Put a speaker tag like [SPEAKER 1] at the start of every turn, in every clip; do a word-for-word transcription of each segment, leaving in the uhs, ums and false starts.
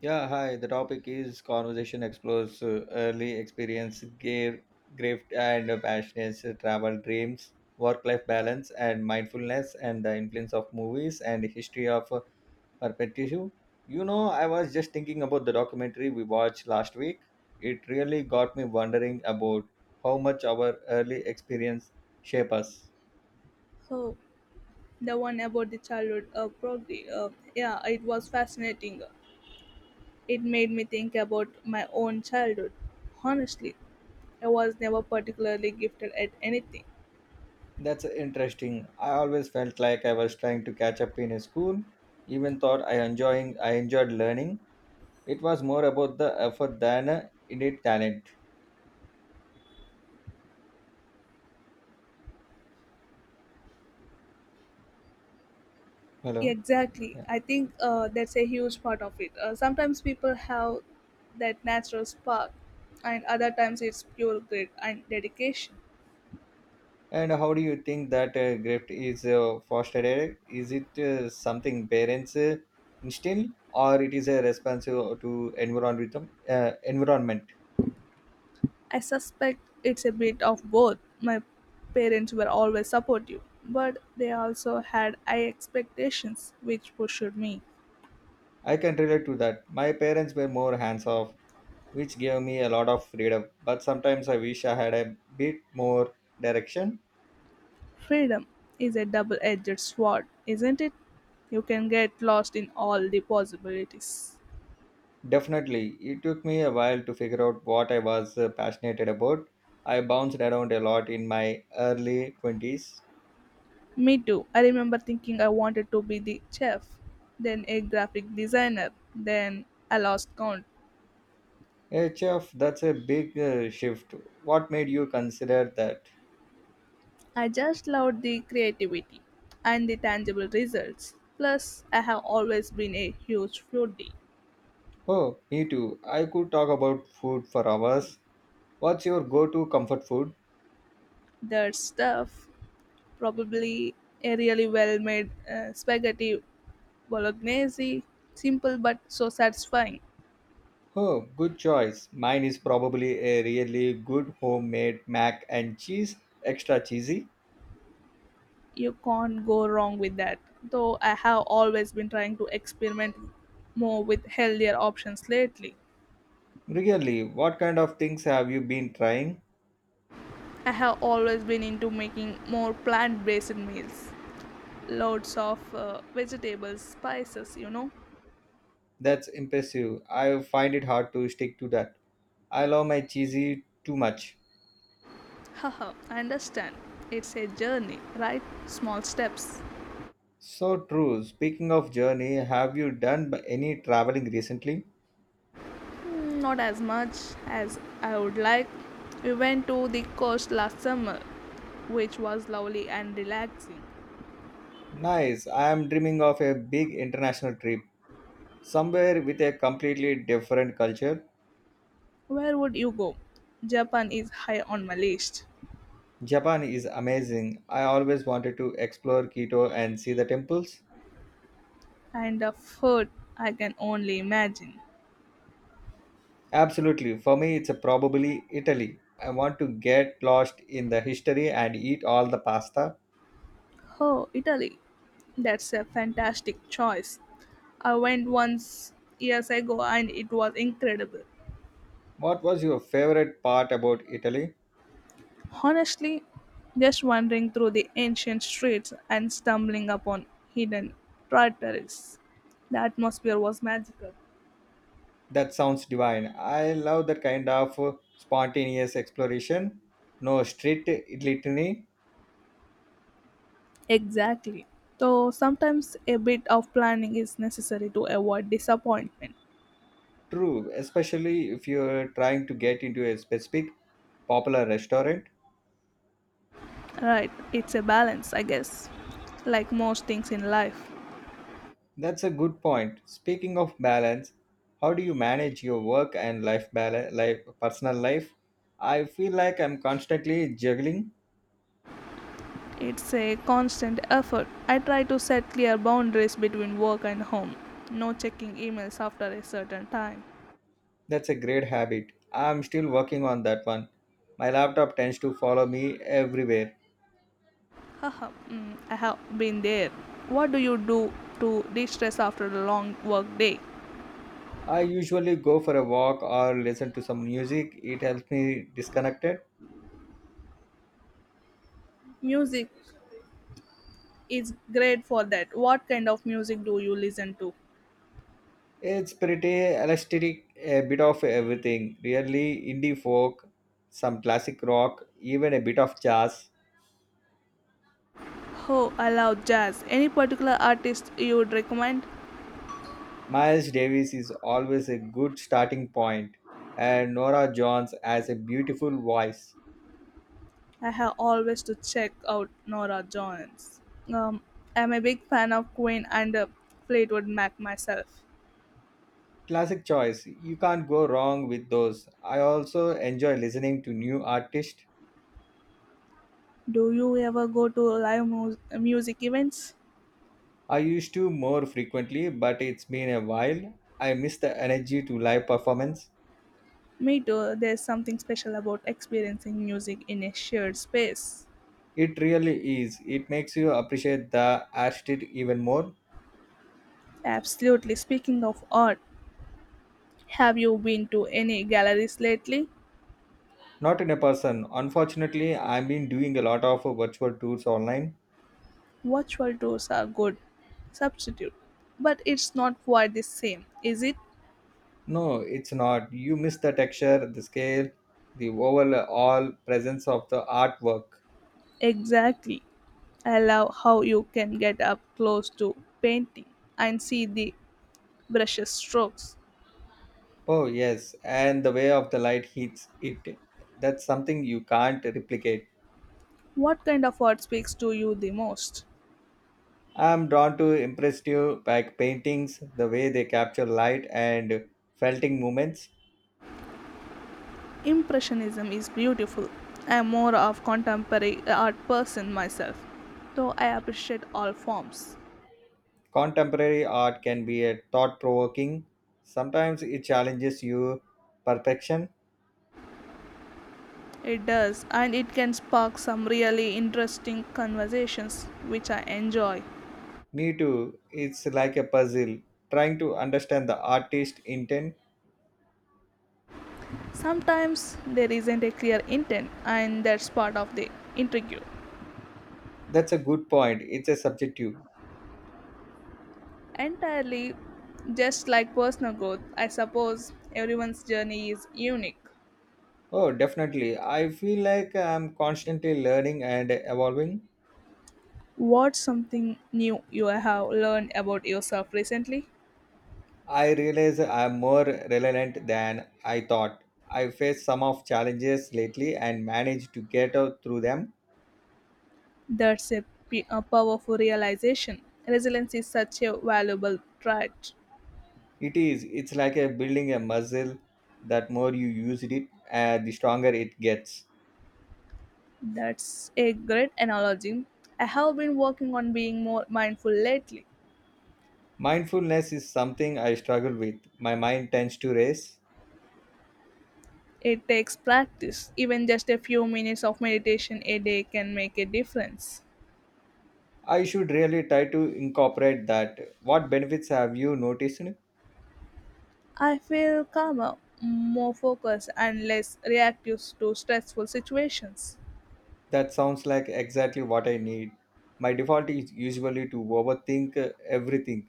[SPEAKER 1] Yeah, hi. The topic is conversation explores uh, early experience, gear, grift and uh, passions, uh, travel dreams, work-life balance, and mindfulness, and the influence of movies and history of uh, perspective. You know, I was just thinking about the documentary we watched last week. It really got me wondering about how much our early experience shape us.
[SPEAKER 2] So the one about the childhood uh, progress. Uh, yeah, it was fascinating. It made me think about my own childhood. Honestly, I was never particularly gifted at anything.
[SPEAKER 1] That's interesting. I always felt like I was trying to catch up in a school. Even thought I enjoying I enjoyed learning. It was more about the effort than uh, innate talent. Hello.
[SPEAKER 2] Exactly.
[SPEAKER 1] Yeah.
[SPEAKER 2] I think uh, that's a huge part of it. Uh, sometimes people have that natural spark, and other times it's pure grit and dedication.
[SPEAKER 1] And how do you think that uh, grift is uh, fostered? Is it uh, something parents uh, instill, or it is a response uh, to environment? Uh, environment.
[SPEAKER 2] I suspect it's a bit of both. My parents were always supportive, but they also had high expectations, which pushed me.
[SPEAKER 1] I can relate to that. My parents were more hands off, which gave me a lot of freedom. But sometimes I wish I had a bit more direction.
[SPEAKER 2] Freedom is a double edged sword, isn't it? You can get lost in all the possibilities.
[SPEAKER 1] Definitely. It took me a while to figure out what I was uh, passionate about. I bounced around a lot in my early twenties.
[SPEAKER 2] Me too. I remember thinking I wanted to be the chef, then a graphic designer, then I lost count.
[SPEAKER 1] Hey, chef, that's a big uh, shift. What made you consider that?
[SPEAKER 2] I just loved the creativity and the tangible results. Plus, I have always been a huge foodie.
[SPEAKER 1] Oh, me too. I could talk about food for hours. What's your go to comfort food?
[SPEAKER 2] Their stuff. Probably a really well made uh, spaghetti bolognese, simple but so satisfying.
[SPEAKER 1] Oh, good choice. Mine is probably a really good homemade mac and cheese, extra cheesy.
[SPEAKER 2] You can't go wrong with that. Though I have always been trying to experiment more with healthier options lately.
[SPEAKER 1] Really, what kind of things have you been trying?
[SPEAKER 2] I have always been into making more plant based meals. Loads of uh, vegetables, spices, you know.
[SPEAKER 1] That's impressive. I find it hard to stick to that. I love my cheesy too much.
[SPEAKER 2] Haha, I understand. It's a journey, right? Small steps.
[SPEAKER 1] So true. Speaking of journey, have you done b- any traveling recently?
[SPEAKER 2] Not as much as I would like. We went to the coast last summer, which was lovely and relaxing.
[SPEAKER 1] Nice. I am dreaming of a big international trip, somewhere with a completely different culture.
[SPEAKER 2] Where would you go? Japan is high on my list,
[SPEAKER 1] Japan is amazing. I always wanted to explore Kyoto and see the temples.
[SPEAKER 2] and the food I can only imagine.
[SPEAKER 1] Absolutely. For me, it's probably Italy. I want to get lost in the history and eat all the pasta.
[SPEAKER 2] Oh, Italy. That's a fantastic choice. I went once years ago and it was incredible.
[SPEAKER 1] What was your favorite part about Italy?
[SPEAKER 2] Honestly, just wandering through the ancient streets and stumbling upon hidden tributaries. The atmosphere was magical.
[SPEAKER 1] That sounds divine. I love that kind of uh, spontaneous exploration. No strict litany.
[SPEAKER 2] Exactly. So sometimes a bit of planning is necessary to avoid disappointment.
[SPEAKER 1] True, especially if you're trying to get into a specific popular restaurant.
[SPEAKER 2] Right, it's a balance, I guess. Like most things in life,
[SPEAKER 1] That's a good point. Speaking of balance, how do you manage your work and life balance, life personal life? I feel like I'm constantly juggling.
[SPEAKER 2] it's a constant effort. I try to set clear boundaries between work and home. No checking emails after a certain time.
[SPEAKER 1] That's a great habit. I'm still working on that one. My laptop tends to follow me everywhere.
[SPEAKER 2] Haha, mm, I have been there. What do you do to de stress after a long work day?
[SPEAKER 1] I usually go for a walk or listen to some music. It helps me disconnected.
[SPEAKER 2] Music is great for that. What kind of music do you listen to?
[SPEAKER 1] It's pretty elastic, a bit of everything. Really indie folk, some classic rock, even a bit of jazz.
[SPEAKER 2] Oh, I love jazz. Any particular artist you would recommend?
[SPEAKER 1] Miles Davis is always a good starting point, and Nora Jones has a beautiful voice.
[SPEAKER 2] I have always to check out Nora Jones. Um, I'm a big fan of Queen and uh, Fleetwood Mac myself.
[SPEAKER 1] Classic choice. You can't go wrong with those. I also enjoy listening to new artists.
[SPEAKER 2] Do you ever go to live mu- music events?
[SPEAKER 1] I used to more frequently, but it's been a while. I miss the energy to live performance.
[SPEAKER 2] Me too. There's something special about experiencing music in a shared space.
[SPEAKER 1] It really is. It makes you appreciate the artist even more.
[SPEAKER 2] Absolutely. Speaking of art, have you been to any galleries lately?
[SPEAKER 1] Not in a person. Unfortunately, I've been doing a lot of virtual tours online.
[SPEAKER 2] Virtual tours are good substitute, but it's not quite the same, is it?
[SPEAKER 1] No, it's not. You miss the texture, the scale, the overall presence of the artwork.
[SPEAKER 2] Exactly. I love how you can get up close to painting and see the brushes strokes.
[SPEAKER 1] Oh, yes, and the way of the light hits it. That's something you can't replicate.
[SPEAKER 2] What kind of art speaks to you the most?
[SPEAKER 1] I'm drawn to impressive pack paintings, the way they capture light and felting moments.
[SPEAKER 2] Impressionism is beautiful. I am more of contemporary art person myself, though I appreciate all forms.
[SPEAKER 1] Contemporary art can be a thought provoking. Sometimes it challenges you perfection.
[SPEAKER 2] It does, and it can spark some really interesting conversations, which I enjoy.
[SPEAKER 1] Me too. It's like a puzzle, trying to understand the artist intent.
[SPEAKER 2] Sometimes there isn't a clear intent, and that's part of the intrigue.
[SPEAKER 1] That's a good point. It's a subjective.
[SPEAKER 2] Entirely, just like personal growth, I suppose everyone's journey is unique.
[SPEAKER 1] Oh, definitely. I feel like I'm constantly learning and evolving.
[SPEAKER 2] What's something new you have learned about yourself recently?
[SPEAKER 1] I realize I'm more relevant than I thought. I faced some of challenges lately and managed to get out through them.
[SPEAKER 2] That's a, p- a powerful realization. Resilience is such a valuable trait.
[SPEAKER 1] It is. It's like a building a muscle. That more you use it, uh, the stronger it gets.
[SPEAKER 2] That's a great analogy. I have been working on being more mindful lately.
[SPEAKER 1] Mindfulness is something I struggle with. My mind tends to race.
[SPEAKER 2] It takes practice. Even just a few minutes of meditation a day can make a difference.
[SPEAKER 1] I should really try to incorporate that. What benefits have you noticed?
[SPEAKER 2] I feel calmer, more focused, and less reactive to stressful situations.
[SPEAKER 1] That sounds like exactly what I need. My default is usually to overthink uh, everything.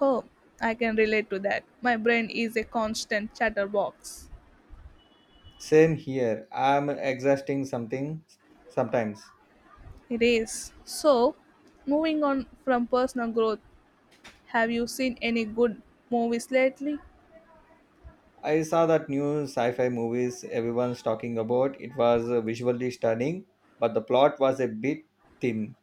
[SPEAKER 2] Oh, I can relate to that. My brain is a constant chatterbox.
[SPEAKER 1] Same here. I'm exhausting something sometimes.
[SPEAKER 2] It is. So, moving on from personal growth, have you seen any good movies lately?
[SPEAKER 1] I saw that new sci-fi movies everyone's talking about. It was uh, visually stunning, but the plot was a bit thin.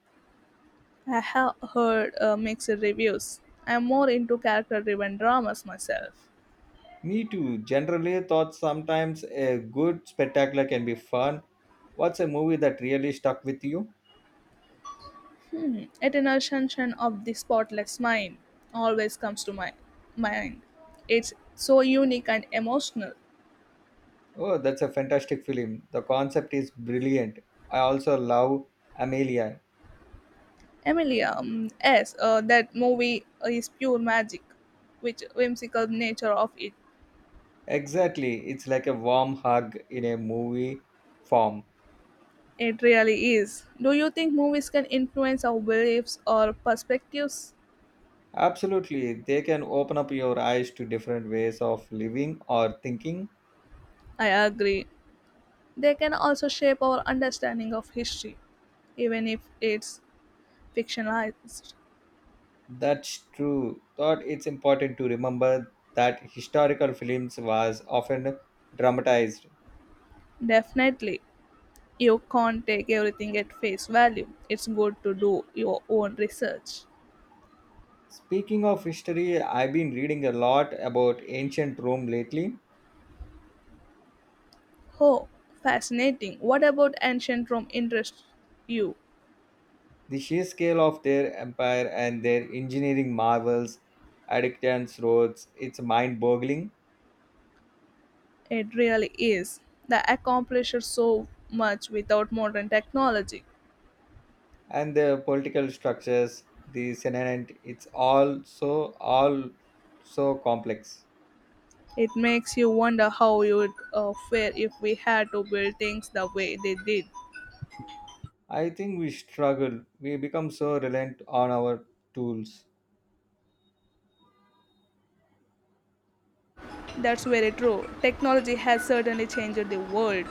[SPEAKER 2] I have heard uh, mixed reviews. I am more into character driven dramas myself.
[SPEAKER 1] Me too. Generally thought sometimes a good spectacular can be fun. What's a movie that really stuck with you?
[SPEAKER 2] Eternal Sunshine of the Spotless Mind always comes to my mind. It's so unique and emotional.
[SPEAKER 1] Oh, that's a fantastic film. The concept is brilliant. I also love Amelia.
[SPEAKER 2] Emilia, um, yes, uh, that movie is pure magic, which whimsical nature of it.
[SPEAKER 1] Exactly. It's like a warm hug in a movie form.
[SPEAKER 2] It really is. Do you think movies can influence our beliefs or perspectives?
[SPEAKER 1] Absolutely, they can open up your eyes to different ways of living or thinking.
[SPEAKER 2] I agree. They can also shape our understanding of history even if it's fictionalized.
[SPEAKER 1] That's true. Thought it's important to remember that historical films was often dramatized.
[SPEAKER 2] Definitely. You can't take everything at face value. It's good to do your own research.
[SPEAKER 1] Speaking of history, I've been reading a lot about ancient Rome lately.
[SPEAKER 2] Oh, fascinating. What about ancient Rome interests you?
[SPEAKER 1] The sheer scale of their empire and their engineering marvels, aqueducts, roads, it's mind-boggling.
[SPEAKER 2] It really is. They accomplished so much without modern technology.
[SPEAKER 1] And the political structures the senate it's all so all so complex.
[SPEAKER 2] It makes you wonder how you would uh, fare if we had to build things the way they did.
[SPEAKER 1] I think we struggle we become so reliant on our tools.
[SPEAKER 2] That's very true. Technology has certainly changed the world.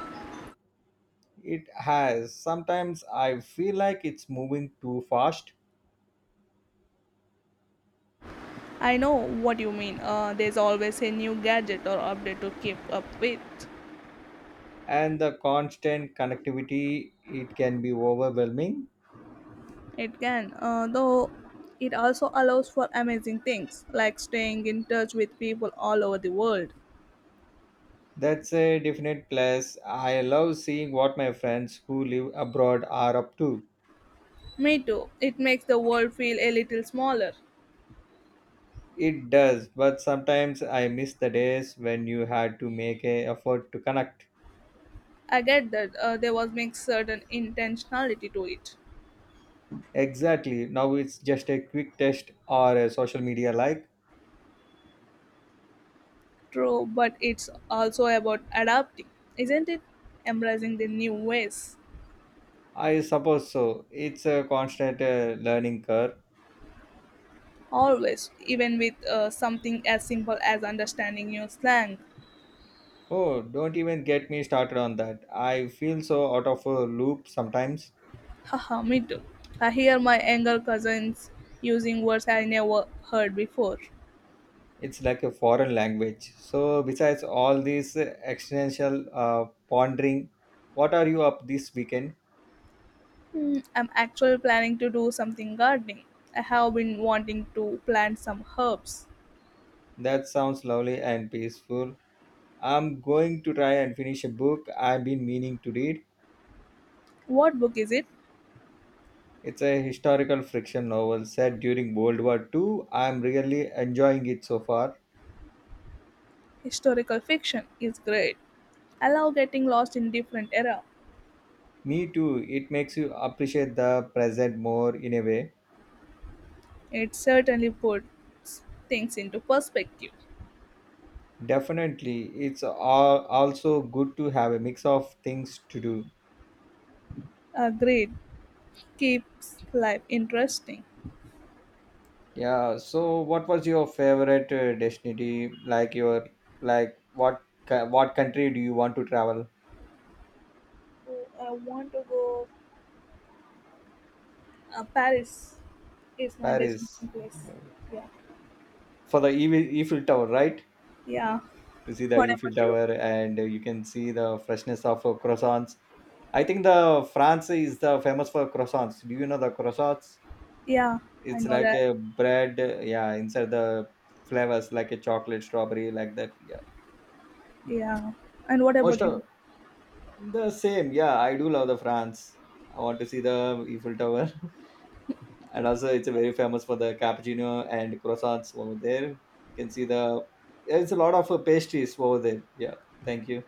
[SPEAKER 1] It has. Sometimes I feel like it's moving too fast.
[SPEAKER 2] I know what you mean. Uh, there's always a new gadget or update to keep up with.
[SPEAKER 1] And the constant connectivity, it can be overwhelming.
[SPEAKER 2] It can, uh, though, it also allows for amazing things like staying in touch with people all over the world.
[SPEAKER 1] That's a definite plus. I love seeing what my friends who live abroad are up to.
[SPEAKER 2] Me too. It makes the world feel a little smaller.
[SPEAKER 1] It does, but sometimes I miss the days when you had to make a effort to connect.
[SPEAKER 2] I get that uh, there was makes certain intentionality to it.
[SPEAKER 1] Exactly. Now it's just a quick test or a social media like.
[SPEAKER 2] True, but it's also about adapting, isn't it? Embracing the new ways.
[SPEAKER 1] I suppose so. It's a constant uh, learning curve.
[SPEAKER 2] Always, even with uh, something as simple as understanding new slang.
[SPEAKER 1] Oh, don't even get me started on that. I feel so out of a loop sometimes.
[SPEAKER 2] Haha, me too. I hear my younger cousins using words I never heard before.
[SPEAKER 1] It's like a foreign language. So, besides all this uh, existential uh, pondering, what are you up this weekend?
[SPEAKER 2] Hmm, I'm actually planning to do something gardening. I have been wanting to plant some herbs.
[SPEAKER 1] That sounds lovely and peaceful. I'm going to try and finish a book I've been meaning to read.
[SPEAKER 2] What book is it?
[SPEAKER 1] It's a historical fiction novel set during World War two. I'm really enjoying it so far.
[SPEAKER 2] Historical fiction is great. I love getting lost in different era.
[SPEAKER 1] Me too. It makes you appreciate the present more in a way.
[SPEAKER 2] It certainly puts things into perspective.
[SPEAKER 1] Definitely. It's al- also good to have a mix of things to do.
[SPEAKER 2] Agreed. Keeps life interesting.
[SPEAKER 1] Yeah, so what was your favorite uh, destination? Like your like what co- what country do you want to travel?
[SPEAKER 2] Oh, I want to go. Uh, Paris is my
[SPEAKER 1] Paris
[SPEAKER 2] destination place. Yeah.
[SPEAKER 1] for the Eiffel Eiffel Tower, right?
[SPEAKER 2] Yeah.
[SPEAKER 1] To see the
[SPEAKER 2] What
[SPEAKER 1] Eiffel
[SPEAKER 2] about you?
[SPEAKER 1] Tower, and you can see the freshness of uh, croissants. I think the France is the famous for croissants. Do you know the croissants?
[SPEAKER 2] Yeah, I
[SPEAKER 1] It's
[SPEAKER 2] know
[SPEAKER 1] like
[SPEAKER 2] that.
[SPEAKER 1] a bread, uh, yeah, inside the flavors like a chocolate, strawberry, like that. Yeah,
[SPEAKER 2] Yeah. And what
[SPEAKER 1] most
[SPEAKER 2] about you?
[SPEAKER 1] of the same. Yeah, I do love the France. I want to see the Eiffel Tower, and also it's very famous for the cappuccino and croissants over there. You can see the there's a lot of uh, pastries over there. Yeah, thank you.